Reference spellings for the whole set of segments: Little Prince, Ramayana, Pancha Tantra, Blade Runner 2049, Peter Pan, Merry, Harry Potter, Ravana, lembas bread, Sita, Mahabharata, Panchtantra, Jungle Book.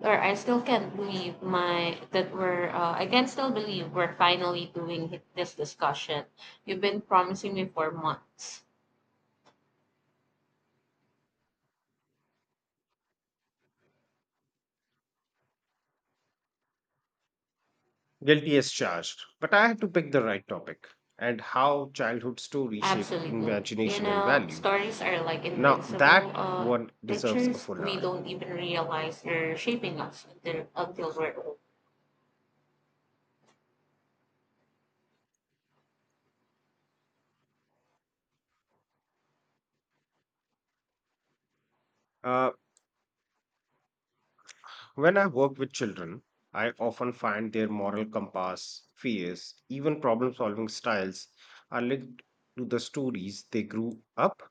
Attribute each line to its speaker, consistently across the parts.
Speaker 1: Or I still can't believe my that we're I can still believe we're finally doing this discussion. You've been promising me for months.
Speaker 2: Guilty as charged, but I had to pick the right topic and how childhood stories shape
Speaker 1: Absolutely. You
Speaker 2: imagination and
Speaker 1: know,
Speaker 2: value.
Speaker 1: stories are like
Speaker 2: Now,
Speaker 1: invincible
Speaker 2: that one deserves a
Speaker 1: teachers.
Speaker 2: full
Speaker 1: We
Speaker 2: hour.
Speaker 1: don't even realize they're shaping us until we're old.
Speaker 2: Uh, when I work with children, I often find their moral compass, fears, even problem solving styles are linked to the stories they grew up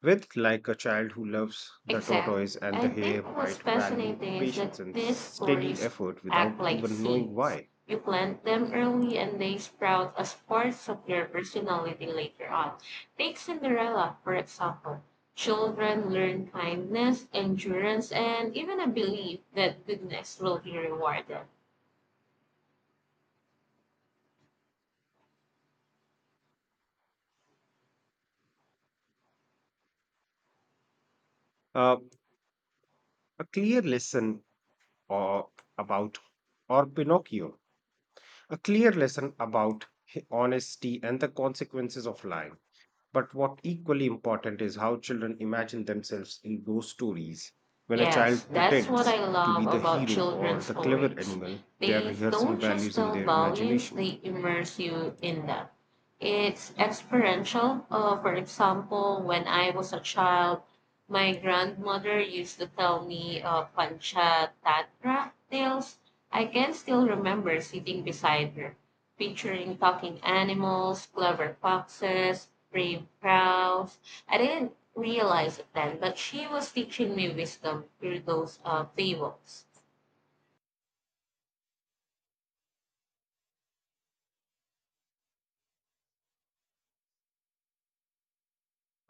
Speaker 2: with, like a child who loves the
Speaker 1: Exactly.
Speaker 2: tortoise and the
Speaker 1: I think
Speaker 2: hare
Speaker 1: what's
Speaker 2: might value
Speaker 1: fascinating is that
Speaker 2: patience and
Speaker 1: these
Speaker 2: steady
Speaker 1: stories
Speaker 2: effort
Speaker 1: act
Speaker 2: without
Speaker 1: like
Speaker 2: even knowing
Speaker 1: seeds.
Speaker 2: why.
Speaker 1: You plant them early and they sprout as parts of your personality later on. Take Cinderella, for example. Children learn kindness, endurance, and even a belief that goodness will be rewarded.
Speaker 2: Uh, a clear lesson or about or Pinocchio, a clear lesson about honesty and the consequences of lying. But what equally important is how children imagine themselves in those stories. When a
Speaker 1: Yes,
Speaker 2: child
Speaker 1: that's what
Speaker 2: pretends
Speaker 1: I
Speaker 2: to
Speaker 1: love
Speaker 2: be the
Speaker 1: about
Speaker 2: hero or
Speaker 1: children's
Speaker 2: the clever
Speaker 1: stories.
Speaker 2: animal, they are
Speaker 1: They
Speaker 2: rehearsing
Speaker 1: don't just
Speaker 2: values in
Speaker 1: tell
Speaker 2: their
Speaker 1: values,
Speaker 2: imagination.
Speaker 1: they immerse you in them. It's experiential. For example, when I was a child, my grandmother used to tell me Pancha Tatra tales. I can still remember sitting beside her, picturing talking animals, clever foxes, brave crows. I didn't realize it then, but she was teaching me wisdom through those fables.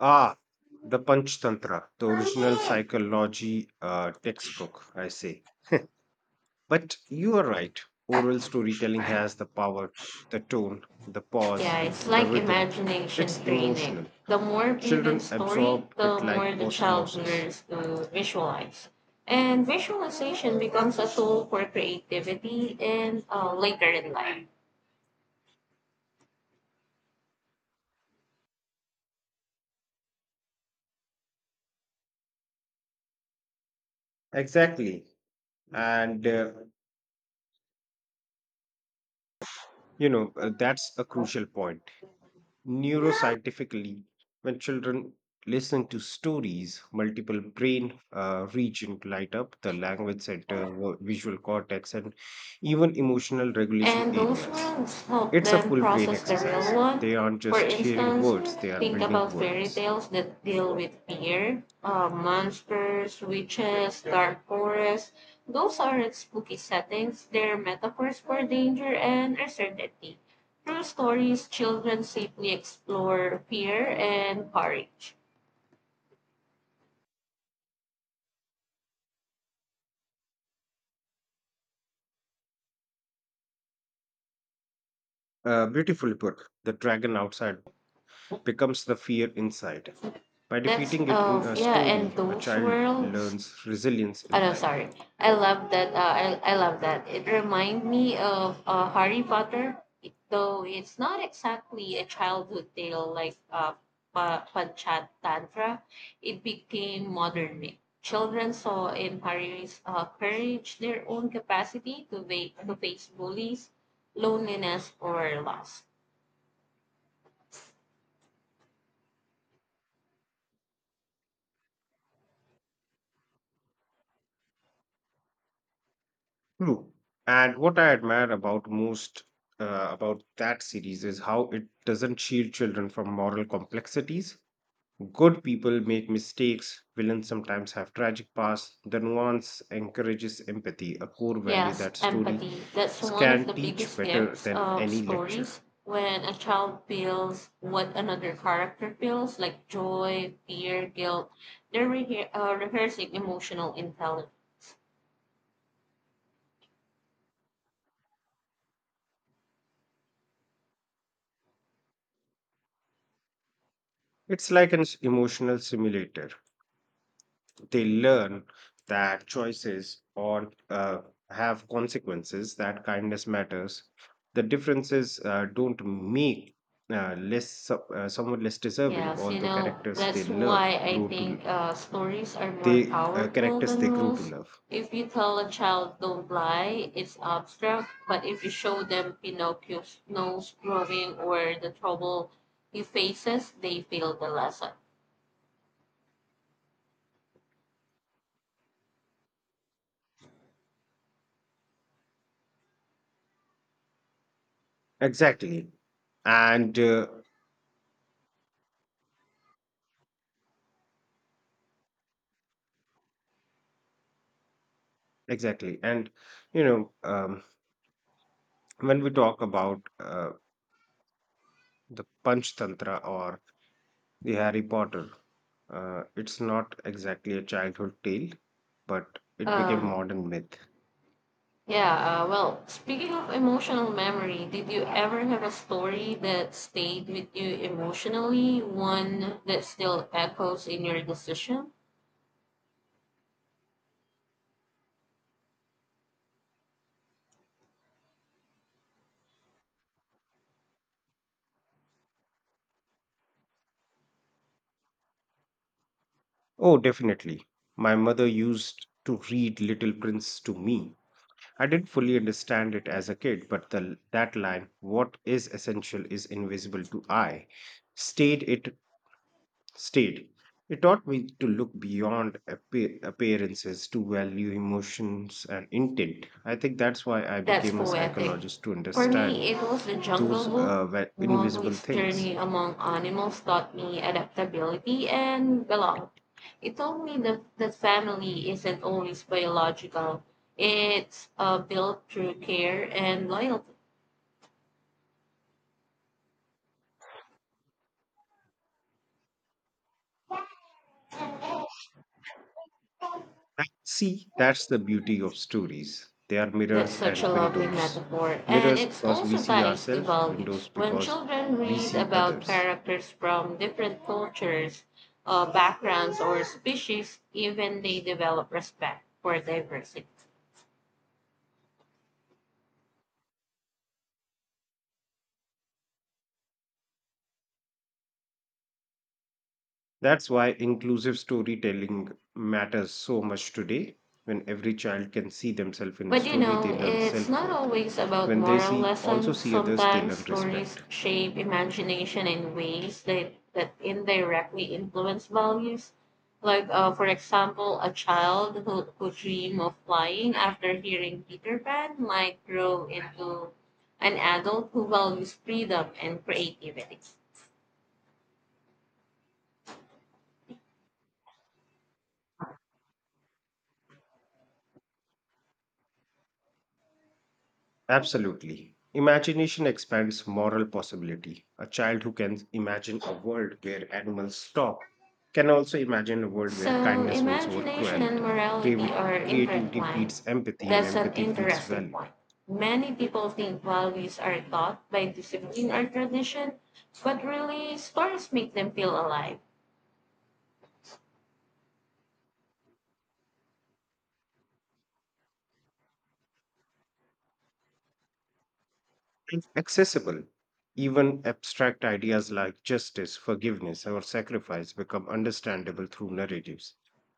Speaker 2: Ah, the Panchtantra, the original psychology textbook, I say. But you are right. Oral storytelling has the power, the tone, the
Speaker 1: Yeah,
Speaker 2: pause,
Speaker 1: it's
Speaker 2: the
Speaker 1: like
Speaker 2: rhythm.
Speaker 1: imagination
Speaker 2: It's
Speaker 1: training.
Speaker 2: emotional.
Speaker 1: The more vivid
Speaker 2: Children
Speaker 1: story,
Speaker 2: absorb
Speaker 1: the
Speaker 2: it like
Speaker 1: more the child
Speaker 2: osmosis.
Speaker 1: learns to visualize. And visualization becomes a tool for creativity and later in life.
Speaker 2: Exactly. And, uh, that's a crucial point. Neuroscientifically, when children listen to stories, multiple brain regions light up: the language center, visual cortex, and even emotional regulation
Speaker 1: And those
Speaker 2: areas.
Speaker 1: worlds help
Speaker 2: It's a
Speaker 1: them
Speaker 2: full brain
Speaker 1: process the real
Speaker 2: exercise.
Speaker 1: one.
Speaker 2: They aren't
Speaker 1: For
Speaker 2: just hearing
Speaker 1: instance,
Speaker 2: words, they are
Speaker 1: think
Speaker 2: building
Speaker 1: about fairy
Speaker 2: worlds.
Speaker 1: tales that deal with fear, monsters, witches, dark forests. Those aren't spooky settings, they're metaphors for danger and uncertainty. Through stories, children safely explore fear and courage.
Speaker 2: Beautifully put. The dragon outside becomes the fear inside. By
Speaker 1: That's,
Speaker 2: defeating it in a
Speaker 1: yeah, and
Speaker 2: story, a
Speaker 1: those
Speaker 2: child
Speaker 1: worlds
Speaker 2: learns resilience
Speaker 1: Oh
Speaker 2: in
Speaker 1: no,
Speaker 2: life.
Speaker 1: sorry. I love that. I love that. It reminds me of Harry Potter, though it's not exactly a childhood tale like Panchatantra. It became modern. Children saw in Harry's courage their own capacity to face bullies, loneliness, or loss.
Speaker 2: True. And what I admire about most about that series is how it doesn't shield children from moral complexities. Good people make mistakes, villains sometimes have tragic pasts. The nuance encourages empathy, a core value
Speaker 1: Yes,
Speaker 2: that stories
Speaker 1: empathy. That's one of
Speaker 2: can
Speaker 1: the
Speaker 2: teach
Speaker 1: biggest
Speaker 2: better
Speaker 1: gifts
Speaker 2: than
Speaker 1: of
Speaker 2: any lecture.
Speaker 1: stories. When a child feels what another character feels, like joy, fear, guilt, they're rehearsing emotional intelligence.
Speaker 2: It's like an emotional simulator. They learn that choices or have consequences, that kindness matters, the differences don't make someone less deserving,
Speaker 1: Yes, you
Speaker 2: although
Speaker 1: know, that's why I think stories are more powerful
Speaker 2: characters
Speaker 1: than
Speaker 2: they grow to
Speaker 1: rules.
Speaker 2: love.
Speaker 1: If you tell a child don't lie, it's abstract, but if you show them Pinocchio's nose growing or the trouble he faces, they feel the lesson.
Speaker 2: exactly and uh, exactly. And you know um, when we talk about the panch tantra or The Harry Potter. It's not exactly a childhood tale, but it became
Speaker 1: Um,
Speaker 2: modern myth.
Speaker 1: speaking of emotional memory, did you ever have a story that stayed with you emotionally, one that still echoes in your decision?
Speaker 2: Oh, definitely. My mother used to read Little Prince to me. I didn't fully understand it as a kid, but that line, "What is essential is invisible to I," stayed. It stayed. It taught me to look beyond appearances, to value emotions and intent. I think that's why I
Speaker 1: That's
Speaker 2: became a
Speaker 1: poetic.
Speaker 2: psychologist, to
Speaker 1: For
Speaker 2: understand
Speaker 1: me, it was the Jungle
Speaker 2: those
Speaker 1: Book.
Speaker 2: invisible
Speaker 1: Mowgli's
Speaker 2: things.
Speaker 1: journey among animals taught me adaptability and belong. It told me that family isn't always biological. It's built through care and loyalty.
Speaker 2: And see, that's the beauty of stories. They are
Speaker 1: That's
Speaker 2: mirrors
Speaker 1: such a
Speaker 2: and
Speaker 1: lovely
Speaker 2: windows.
Speaker 1: metaphor. And
Speaker 2: Mirrors
Speaker 1: it
Speaker 2: because we
Speaker 1: also
Speaker 2: see
Speaker 1: ties to
Speaker 2: ourselves,
Speaker 1: values.
Speaker 2: windows
Speaker 1: When
Speaker 2: because
Speaker 1: children
Speaker 2: we
Speaker 1: read
Speaker 2: see
Speaker 1: about
Speaker 2: others.
Speaker 1: characters from different cultures, backgrounds, or species, even they develop respect for diversity.
Speaker 2: That's why inclusive storytelling matters so much today. When every child can see themselves in a
Speaker 1: But you
Speaker 2: story, they
Speaker 1: know,
Speaker 2: learn
Speaker 1: it's
Speaker 2: self
Speaker 1: not
Speaker 2: worth.
Speaker 1: always about
Speaker 2: When they
Speaker 1: moral lessons.
Speaker 2: see others, they
Speaker 1: Sometimes
Speaker 2: learn
Speaker 1: stories
Speaker 2: respect.
Speaker 1: shape imagination in ways that indirectly influence values. For example, a child who dream of flying after hearing Peter Pan might grow into an adult who values freedom and creativity.
Speaker 2: Absolutely. Imagination expands moral possibility. A child who can imagine a world where animals talk can also imagine a world where
Speaker 1: So
Speaker 2: kindness wins over
Speaker 1: imagination and
Speaker 2: cruelty.
Speaker 1: morality
Speaker 2: Creavi-
Speaker 1: are
Speaker 2: Creativity
Speaker 1: intertwined.
Speaker 2: feeds empathy, and
Speaker 1: That's an
Speaker 2: empathy feeds
Speaker 1: interesting
Speaker 2: value.
Speaker 1: point. Many people think values are taught by discipline or tradition, but really stories make them feel alive.
Speaker 2: And accessible, even abstract ideas like justice, forgiveness, or sacrifice become understandable through narratives.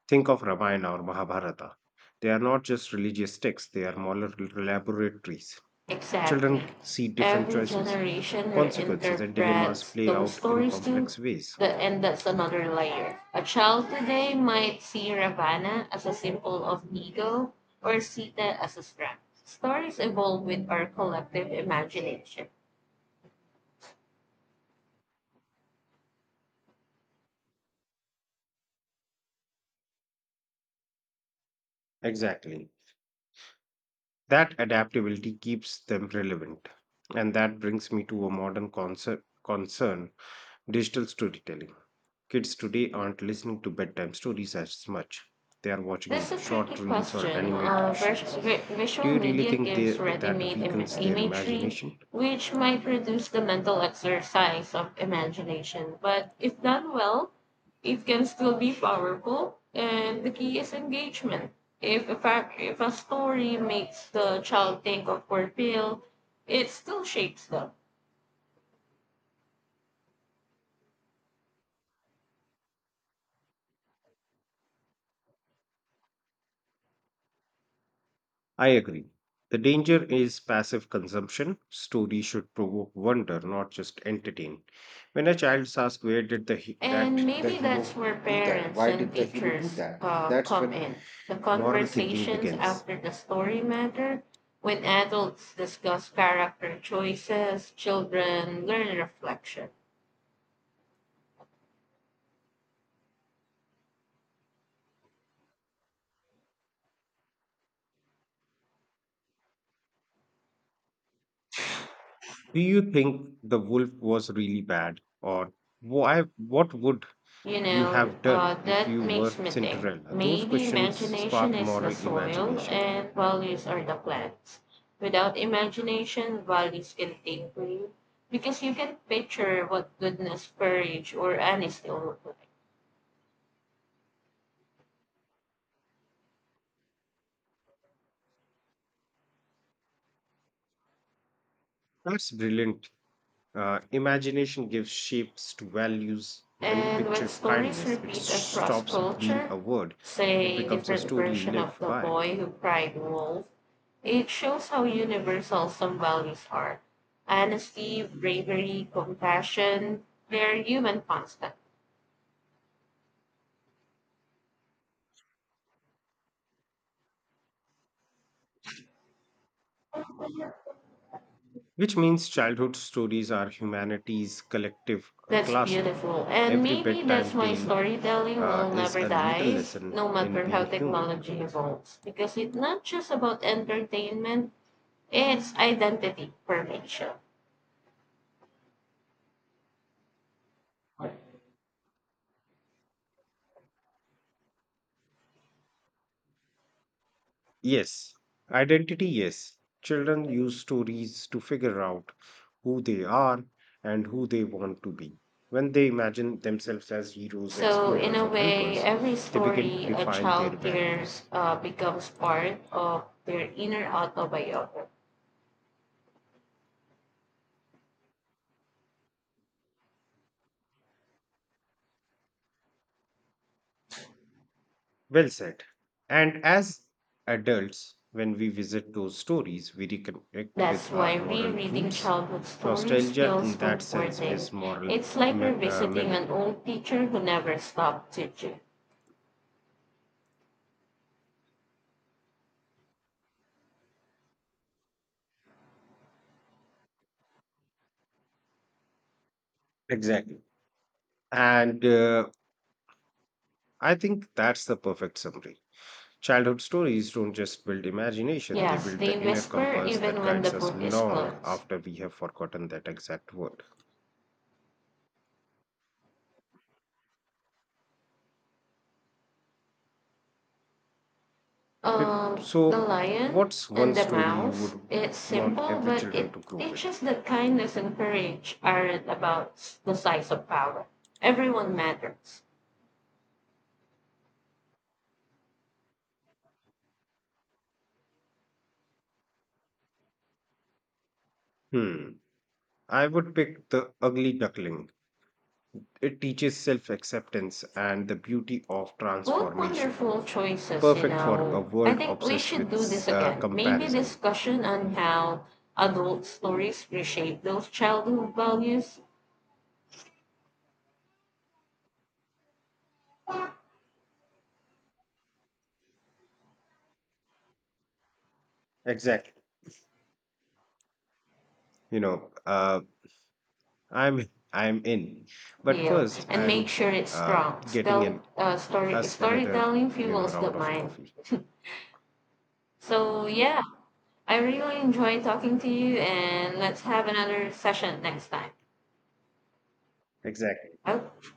Speaker 2: Think of Ramayana or Mahabharata. They are not just religious texts, they are moral laboratories.
Speaker 1: Exactly.
Speaker 2: Children see different
Speaker 1: Every
Speaker 2: choices,
Speaker 1: generation
Speaker 2: consequences, and dilemmas
Speaker 1: reinterprets
Speaker 2: play
Speaker 1: those
Speaker 2: out in
Speaker 1: stories too.
Speaker 2: complex ways.
Speaker 1: And that's another layer. A child today might see Ravana as a symbol of ego or Sita as a strength. Stories evolve with our collective imagination.
Speaker 2: Exactly. That adaptability keeps them relevant. And that brings me to a modern concern: digital storytelling. Kids today aren't listening to bedtime stories as much. They are
Speaker 1: That's
Speaker 2: watching
Speaker 1: a tricky
Speaker 2: short reels or
Speaker 1: question. Uh, vis-
Speaker 2: animations.
Speaker 1: vi-
Speaker 2: Do
Speaker 1: visual
Speaker 2: you really
Speaker 1: media
Speaker 2: think
Speaker 1: gives
Speaker 2: that
Speaker 1: ready-made
Speaker 2: weakens their
Speaker 1: imagery,
Speaker 2: imagination?
Speaker 1: which might reduce the mental exercise of imagination. But if done well, it can still be powerful. And the key is engagement. If a story makes the child think of or feel, it still shapes them.
Speaker 2: I agree. The danger is passive consumption. Stories should provoke wonder, not just entertain. When a child asks, "Where did
Speaker 1: And
Speaker 2: the
Speaker 1: maybe that's
Speaker 2: hero
Speaker 1: where
Speaker 2: do that?
Speaker 1: parents
Speaker 2: Why
Speaker 1: and
Speaker 2: did the hero do
Speaker 1: teachers
Speaker 2: that?" That's
Speaker 1: come
Speaker 2: when
Speaker 1: in. The
Speaker 2: moral thinking
Speaker 1: conversations
Speaker 2: begins.
Speaker 1: after the story matter. When adults discuss character choices, children learn reflection.
Speaker 2: Do you think the wolf was really bad, or why? What would
Speaker 1: You
Speaker 2: you
Speaker 1: know,
Speaker 2: have done
Speaker 1: uh,
Speaker 2: if
Speaker 1: that
Speaker 2: you were
Speaker 1: makes me think.
Speaker 2: Cinderella? Those
Speaker 1: Maybe
Speaker 2: questions
Speaker 1: imagination
Speaker 2: spark
Speaker 1: is the
Speaker 2: moral
Speaker 1: soil
Speaker 2: imagination.
Speaker 1: and values are the plants. Without imagination, values can take root because you can picture what goodness, courage, or honesty will look like.
Speaker 2: That's brilliant. Imagination gives shapes to values. When you
Speaker 1: And when
Speaker 2: picture
Speaker 1: stories
Speaker 2: kindness, it
Speaker 1: repeat across
Speaker 2: stops being
Speaker 1: culture,
Speaker 2: a word, it
Speaker 1: say
Speaker 2: becomes a
Speaker 1: different
Speaker 2: story you
Speaker 1: version of
Speaker 2: live
Speaker 1: the
Speaker 2: by.
Speaker 1: boy who cried wolf, it shows how universal some values are. Honesty, bravery, compassion, they're human constant.
Speaker 2: Which means childhood stories are humanity's collective
Speaker 1: That's
Speaker 2: classroom.
Speaker 1: beautiful. And
Speaker 2: Every
Speaker 1: maybe
Speaker 2: bedtime
Speaker 1: that's why
Speaker 2: tale
Speaker 1: storytelling will
Speaker 2: is
Speaker 1: never
Speaker 2: a little
Speaker 1: die,
Speaker 2: lesson
Speaker 1: no
Speaker 2: in
Speaker 1: matter how
Speaker 2: being human.
Speaker 1: technology evolves. Because it's not just about entertainment, it's identity formation.
Speaker 2: Yes, identity, yes. Children use stories to figure out who they are and who they want to be. When they imagine themselves as heroes,
Speaker 1: So, in
Speaker 2: explorers,
Speaker 1: a
Speaker 2: or
Speaker 1: way,
Speaker 2: helpers,
Speaker 1: every
Speaker 2: they begin to
Speaker 1: story a
Speaker 2: define their
Speaker 1: child hears
Speaker 2: values.
Speaker 1: becomes part of their inner autobiography.
Speaker 2: Well said. And as adults, when we visit those stories, we reconnect with
Speaker 1: That's
Speaker 2: our
Speaker 1: why
Speaker 2: moral
Speaker 1: rereading
Speaker 2: roots.
Speaker 1: childhood stories
Speaker 2: Nostalgia,
Speaker 1: feels
Speaker 2: in that sense,
Speaker 1: comforting.
Speaker 2: is moral
Speaker 1: It's like revisiting an
Speaker 2: memory.
Speaker 1: old teacher who never stopped teaching.
Speaker 2: Exactly. And I think that's the perfect summary. Childhood stories don't just build imagination, they
Speaker 1: Yes,
Speaker 2: build
Speaker 1: they
Speaker 2: the inner
Speaker 1: whisper
Speaker 2: compass that
Speaker 1: even when
Speaker 2: guides
Speaker 1: the
Speaker 2: us
Speaker 1: book is
Speaker 2: long
Speaker 1: closed.
Speaker 2: after we have forgotten that exact word.
Speaker 1: The
Speaker 2: So,
Speaker 1: lion
Speaker 2: what's one
Speaker 1: and the
Speaker 2: story you
Speaker 1: mouse.
Speaker 2: would
Speaker 1: It's
Speaker 2: want
Speaker 1: simple,
Speaker 2: every
Speaker 1: but it
Speaker 2: children to grow with?
Speaker 1: teaches that kindness and courage aren't about the size of power. Everyone matters.
Speaker 2: Hmm. I would pick The Ugly Duckling. It teaches self acceptance and the beauty of
Speaker 1: Both
Speaker 2: transformation,
Speaker 1: wonderful choices, you
Speaker 2: perfect for a
Speaker 1: know. I
Speaker 2: world
Speaker 1: think we
Speaker 2: obsessed
Speaker 1: should
Speaker 2: with
Speaker 1: do this again. Maybe
Speaker 2: comparison.
Speaker 1: discussion on how adult stories reshape those childhood values
Speaker 2: Exactly. You know, uh, I'm in. But
Speaker 1: deal
Speaker 2: first,
Speaker 1: and make
Speaker 2: I'm
Speaker 1: sure it's
Speaker 2: uh
Speaker 1: strong.
Speaker 2: getting an us another,
Speaker 1: Storytelling fuels the
Speaker 2: round of
Speaker 1: mind.
Speaker 2: coffee.
Speaker 1: So, yeah, I really enjoy talking to you, and let's have another session next time.
Speaker 2: Exactly.
Speaker 1: Okay.